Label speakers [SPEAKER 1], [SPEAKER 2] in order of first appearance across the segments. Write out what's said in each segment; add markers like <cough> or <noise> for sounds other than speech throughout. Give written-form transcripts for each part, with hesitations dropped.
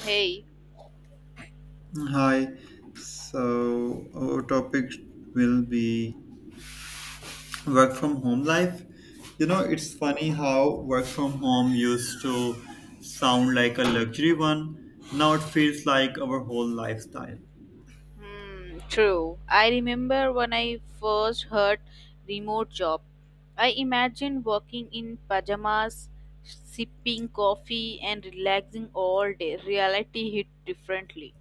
[SPEAKER 1] Hey,
[SPEAKER 2] Hi. So our topic will be work from home life. You know, it's funny how work from home used to sound like a luxury one. Now it feels like our whole lifestyle.
[SPEAKER 1] hmm, true. I remember when I first heard remote job. I imagined working in pajamas, sipping coffee, and relaxing all day. Reality hit differently.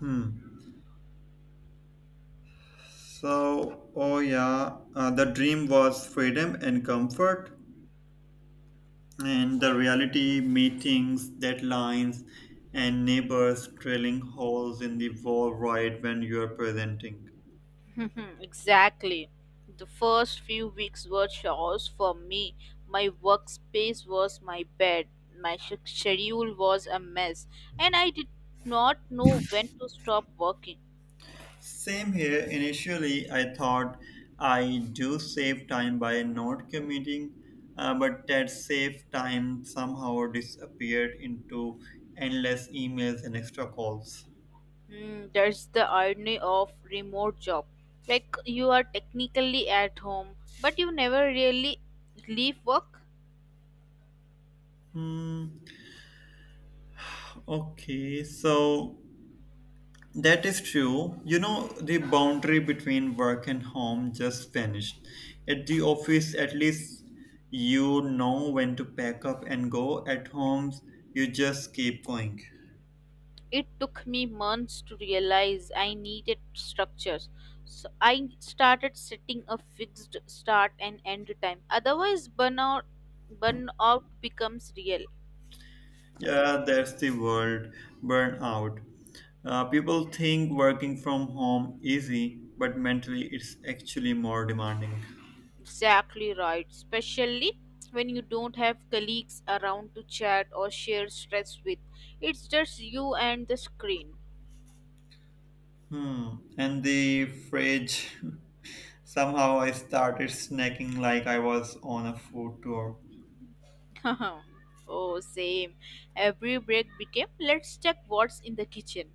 [SPEAKER 2] Hmm. The dream was freedom and comfort, and the reality meetings, deadlines, and neighbors drilling holes in the wall right when you are presenting.
[SPEAKER 1] <laughs> Exactly. The first few weeks were chores for me. My workspace was my bed. My schedule was a mess, and I did not know when to stop working.
[SPEAKER 2] Same here. Initially, I thought I do save time by not commuting, but that save time somehow disappeared into endless emails and extra calls.
[SPEAKER 1] Mm, that's the irony of remote job. Like you are technically at home, but you never really leave work.
[SPEAKER 2] Hmm. Okay, so that is true. You know, the boundary between work and home just vanished. At the office, at least you know when to pack up and go. At homes, you just keep going.
[SPEAKER 1] It took me months to realize I needed structures. So I started setting a fixed start and end time. Otherwise burnout becomes real.
[SPEAKER 2] Yeah, that's the word burnout. People think working from home easy, but mentally it's actually more demanding.
[SPEAKER 1] Exactly right. Especially when you don't have colleagues around to chat or share stress with. It's just you and the screen.
[SPEAKER 2] Hmm. And the fridge. <laughs> Somehow I started snacking like I was on a food tour.
[SPEAKER 1] <laughs> Oh, same. Every break became, let's check what's in the kitchen.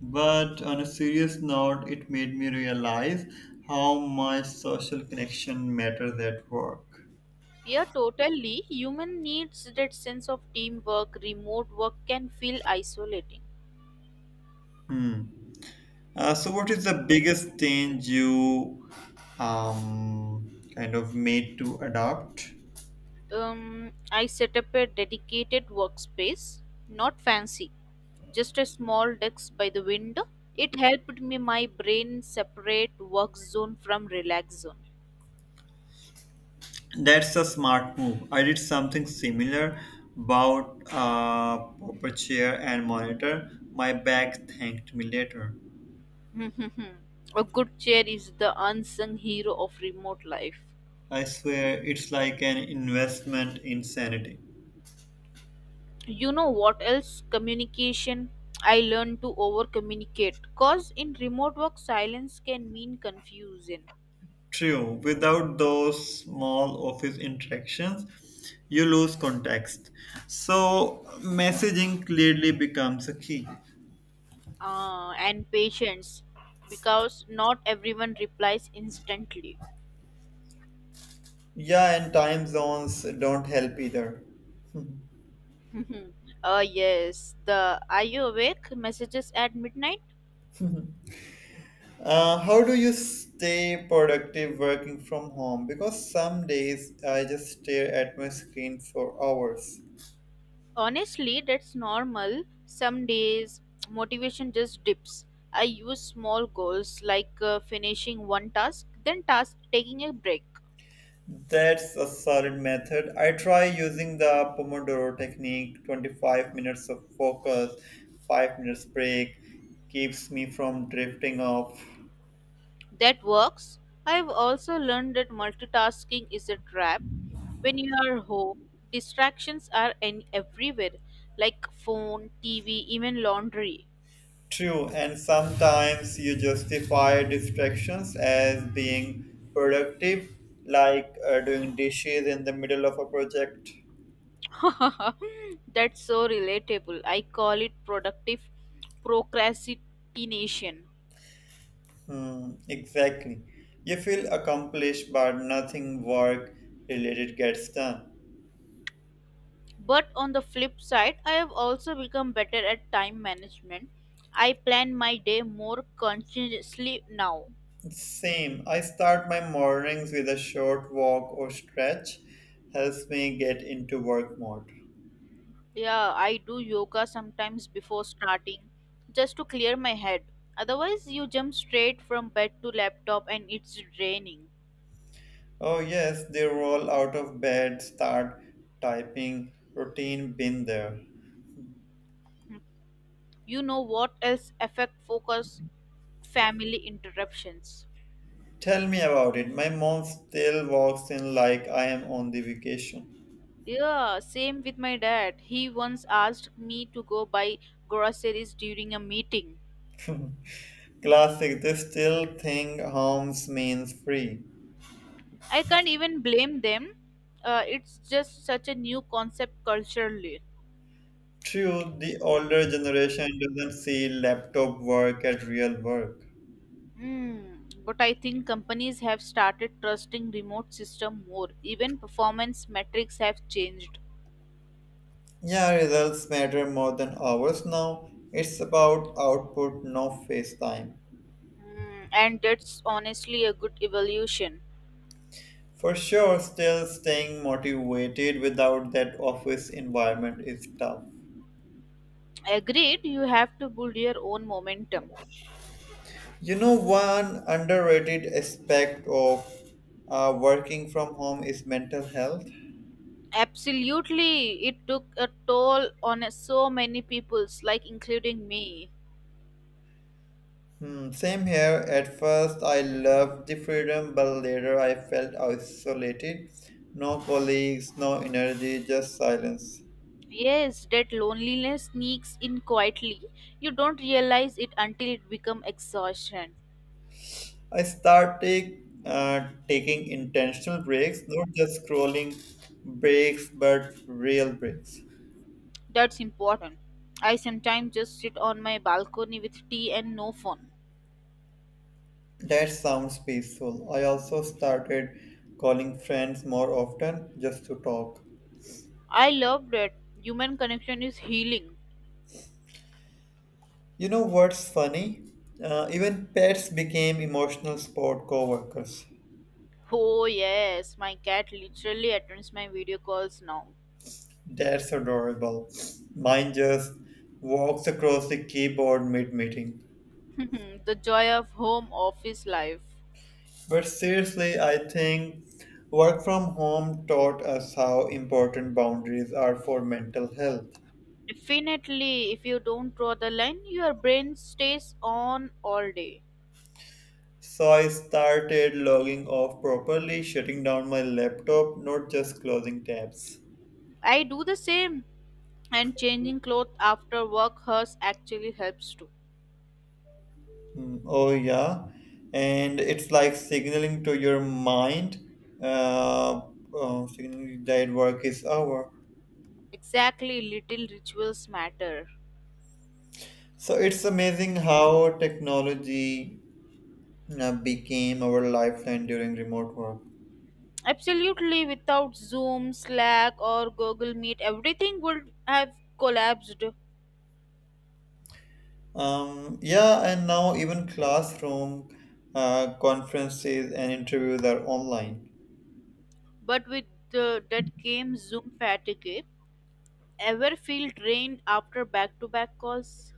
[SPEAKER 2] But on a serious note, it made me realize how much social connection matters at work.
[SPEAKER 1] Yeah, totally. Human needs that sense of teamwork. Remote work can feel isolating.
[SPEAKER 2] Hmm. So, what is the biggest change you um, kind of made to adopt?
[SPEAKER 1] I set up a dedicated workspace, not fancy, just a small desk by the window. It helped me my brain separate work zone from relax zone.
[SPEAKER 2] That's a smart move. I did something similar about proper chair and monitor. My back thanked me later.
[SPEAKER 1] <laughs> A good chair is the unsung hero of remote life.
[SPEAKER 2] I swear it's like an investment in sanity.
[SPEAKER 1] You know what else? Communication. I learned to over communicate cause in remote work silence can mean confusion.
[SPEAKER 2] True, without those small office interactions, you lose context. So, messaging clearly becomes a key.
[SPEAKER 1] And patience, because not everyone replies instantly. <laughs>
[SPEAKER 2] Yeah, and time zones don't help either.
[SPEAKER 1] Mhm. Yes, the are you awake messages at midnight.
[SPEAKER 2] How do you stay productive working from home? Because some days I just stare at my screen for hours.
[SPEAKER 1] Honestly, that's normal. Some days motivation just dips. I use small goals, like finishing one task, then task taking a break.
[SPEAKER 2] That's a solid method. I try using the Pomodoro technique 25 minutes of focus, 5 minutes break, keeps me from drifting off.
[SPEAKER 1] That works. I've also learned that multitasking is a trap. When you are home, distractions are any everywhere, like phone, TV, even laundry.
[SPEAKER 2] True, and sometimes you justify distractions as being productive, like doing dishes in the middle of a project.
[SPEAKER 1] <laughs> That's so relatable. I call it productive procrastination.
[SPEAKER 2] Hmm, exactly. You feel accomplished, but nothing work related gets done.
[SPEAKER 1] But on the flip side, I have also become better at time management. I plan my day more consciously now.
[SPEAKER 2] Same. I start my mornings with a short walk or stretch, helps me get into work mode.
[SPEAKER 1] Yeah, I do yoga sometimes before starting, just to clear my head. Otherwise, you jump straight from bed to laptop and it's draining.
[SPEAKER 2] Oh, yes, they roll out of bed, start typing. Routine been there.
[SPEAKER 1] Mm. You know what else affect focus? Family interruptions.
[SPEAKER 2] Tell me about it. My mom still walks in like I am on the vacation.
[SPEAKER 1] Yeah, same with my dad. He once asked me to go buy groceries during a meeting.
[SPEAKER 2] <laughs> Classic. They still think homes means free.
[SPEAKER 1] I can't even blame them. It's just such a new concept culturally.
[SPEAKER 2] True, the older generation doesn't see laptop work as real work.
[SPEAKER 1] Hmm, but I think companies have started trusting remote system more. Even performance metrics have changed.
[SPEAKER 2] Yeah, results matter more than hours now. It's about output, no face time.
[SPEAKER 1] Hmm, and that's honestly a good evolution.
[SPEAKER 2] For sure, still staying motivated without that office environment is tough.
[SPEAKER 1] Agreed, you have to build your own momentum.
[SPEAKER 2] You know, one underrated aspect of working from home is mental health.
[SPEAKER 1] Absolutely, it took a toll on so many peoples, like including me.
[SPEAKER 2] Hmm, same here. At first, I loved the freedom, but later I felt isolated. No colleagues, no energy, just silence.
[SPEAKER 1] Yes, that loneliness sneaks in quietly. You don't realize it until it becomes exhaustion.
[SPEAKER 2] I started taking intentional breaks, not just scrolling breaks, but real breaks.
[SPEAKER 1] That's important. I sometimes just sit on my balcony with tea and no phone.
[SPEAKER 2] That sounds peaceful. I also started calling friends more often just to talk.
[SPEAKER 1] I love that. Human connection is healing.
[SPEAKER 2] You know what's funny? Even pets became emotional sport coworkers.
[SPEAKER 1] Oh, yes, my cat literally attends my video calls now.
[SPEAKER 2] That's adorable. Mine just walks across the keyboard mid-meeting.
[SPEAKER 1] <laughs> The joy of home office life.
[SPEAKER 2] But seriously, I think work from home taught us how important boundaries are for mental health.
[SPEAKER 1] Definitely, if you don't draw the line, your brain stays on all day.
[SPEAKER 2] So I started logging off properly, shutting down my laptop, not just closing tabs.
[SPEAKER 1] I do the same, and changing clothes after work hers actually helps too.
[SPEAKER 2] Mm, oh yeah, and it's like signaling to your mind, uh, signaling that work is over.
[SPEAKER 1] Exactly, little rituals matter.
[SPEAKER 2] So it's amazing how technology became our lifeline during remote work.
[SPEAKER 1] Absolutely, without Zoom, Slack, or Google Meet, everything would have collapsed.
[SPEAKER 2] Yeah, and now even classroom conferences and interviews are online.
[SPEAKER 1] But with the, that came Zoom fatigue. Ever feel drained after back to back calls?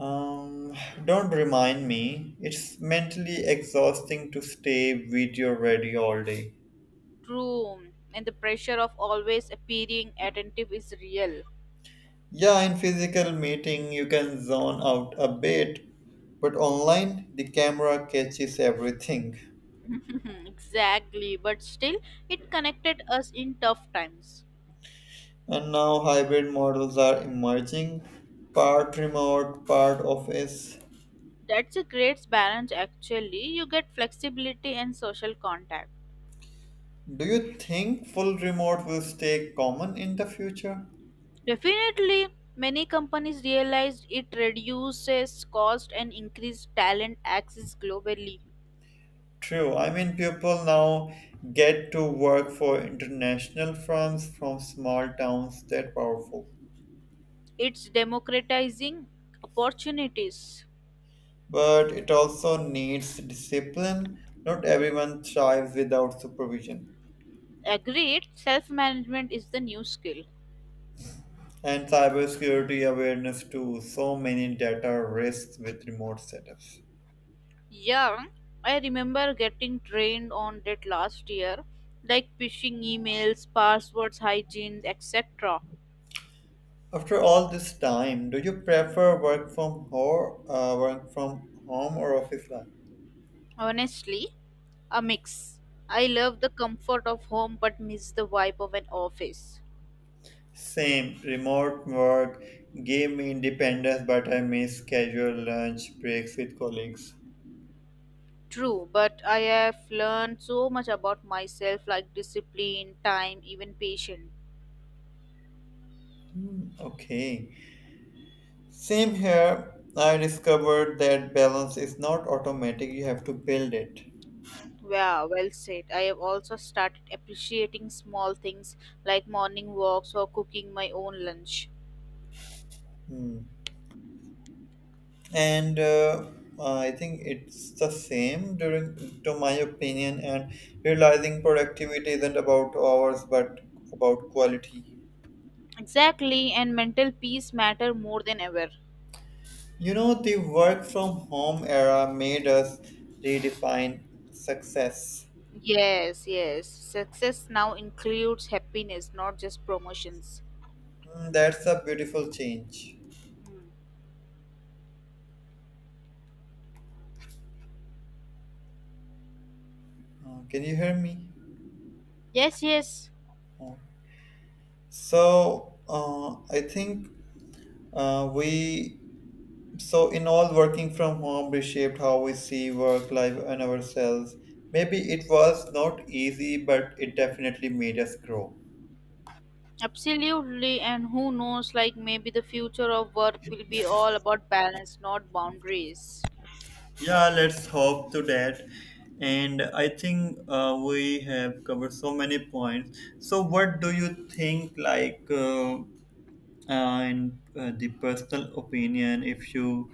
[SPEAKER 2] Um, don't remind me, it's mentally exhausting to stay video ready all day.
[SPEAKER 1] True, and the pressure of always appearing attentive is real.
[SPEAKER 2] Yeah, in physical meeting you can zone out a bit, but online the camera catches everything.
[SPEAKER 1] <laughs> Exactly, but still, it connected us in tough times.
[SPEAKER 2] And now hybrid models are emerging, part remote, part office.
[SPEAKER 1] That's a great balance, actually. You get flexibility and social contact.
[SPEAKER 2] Do you think full remote will stay common in the future?
[SPEAKER 1] Definitely, many companies realized it reduces cost and increase talent access globally.
[SPEAKER 2] True. I mean, people now get to work for international firms from small towns that powerful.
[SPEAKER 1] It's democratizing opportunities.
[SPEAKER 2] But it also needs discipline. Not everyone thrives without supervision.
[SPEAKER 1] Agreed, self management is the new skill.
[SPEAKER 2] And cybersecurity awareness too, so many data risks with remote setups.
[SPEAKER 1] Yeah, I remember getting trained on that last year, like phishing emails, passwords, hygiene, etc.
[SPEAKER 2] After all this time, do you prefer work from home or office life?
[SPEAKER 1] Honestly, a mix. I love the comfort of home but miss the vibe of an office.
[SPEAKER 2] Same, remote work gave me independence, but I miss casual lunch breaks with colleagues.
[SPEAKER 1] True, but I have learned so much about myself, like discipline, time, even patience.
[SPEAKER 2] Hmm, okay. Same here, I discovered that balance is not automatic, you have to build it.
[SPEAKER 1] Yeah, well said. I have also started appreciating small things like morning walks or cooking my own lunch.
[SPEAKER 2] Hmm. And I think it's the same during, to my opinion, and realizing productivity isn't about hours but about quality.
[SPEAKER 1] Exactly, and mental peace matter more than ever.
[SPEAKER 2] You know, the work from home era made us redefine success.
[SPEAKER 1] Yes, yes. Success now includes happiness, not just promotions.
[SPEAKER 2] Hmm, that's a beautiful change.
[SPEAKER 1] Mm.
[SPEAKER 2] Can you hear me?
[SPEAKER 1] Yes, yes.
[SPEAKER 2] Oh. So, I think we so, in all, working from home reshaped how we see work, life, and ourselves. Maybe it was not easy, but it definitely made us grow.
[SPEAKER 1] Absolutely. And who knows, like maybe the future of work will be all about balance, not boundaries.
[SPEAKER 2] Yeah, let's hope to that. And I think we have covered so many points. So, what do you think? Like, and The personal opinion if you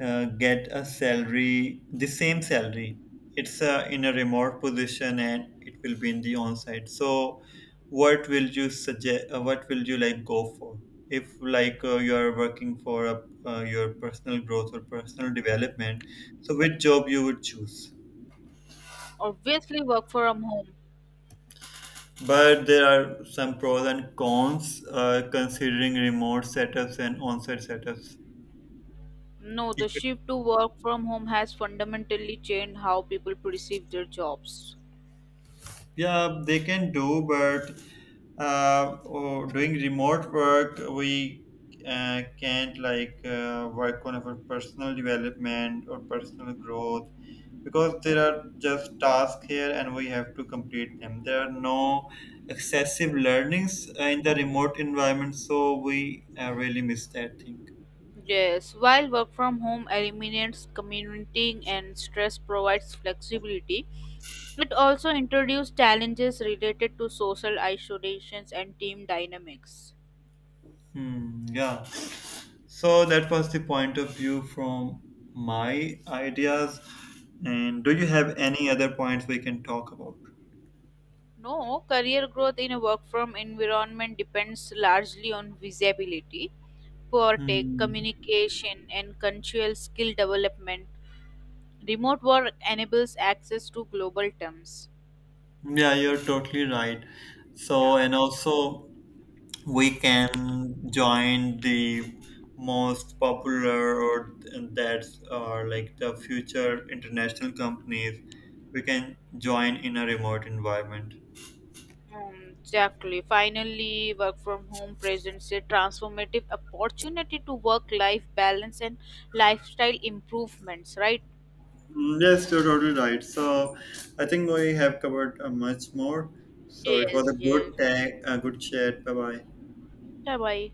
[SPEAKER 2] get a salary the same salary it's in a remote position and it will be in the on-site, so what will you suggest, what will you like go for if you are working for your personal growth or personal development, so which job you would choose?
[SPEAKER 1] Obviously, work from home.
[SPEAKER 2] But there are some pros and cons considering remote setups and on-site setups.
[SPEAKER 1] No, the shift to work from home has fundamentally changed how people perceive their jobs.
[SPEAKER 2] Yeah, they can do, but oh, Doing remote work, we can't work on our personal development or personal growth because there are just tasks here and we have to complete them. There are no excessive learnings in the remote environment, so we really miss that thing.
[SPEAKER 1] Yes, while work from home eliminates commuting and stress provides flexibility, it also introduces challenges related to social isolations and team dynamics.
[SPEAKER 2] Hmm, yeah. So that was the point of view from my ideas. And do you have any other points we can talk about?
[SPEAKER 1] No, career growth in a work from environment depends largely on visibility, poor tech,
[SPEAKER 2] Hmm.
[SPEAKER 1] communication, and cultural skill development. Remote work enables access to global terms.
[SPEAKER 2] Yeah, you're totally right.
[SPEAKER 1] Yeah.
[SPEAKER 2] So, and also we can join the most popular or and that's or like the future international companies. We can join in a remote environment.
[SPEAKER 1] Exactly. Finally, work from home presents a transformative opportunity to work life balance and lifestyle improvements, right?
[SPEAKER 2] Mm, yes, you're totally right. So I think we have covered much more. So it was
[SPEAKER 1] Yes,
[SPEAKER 2] a
[SPEAKER 1] yes.
[SPEAKER 2] good tag, a good chat. Bye bye.
[SPEAKER 1] Bye bye.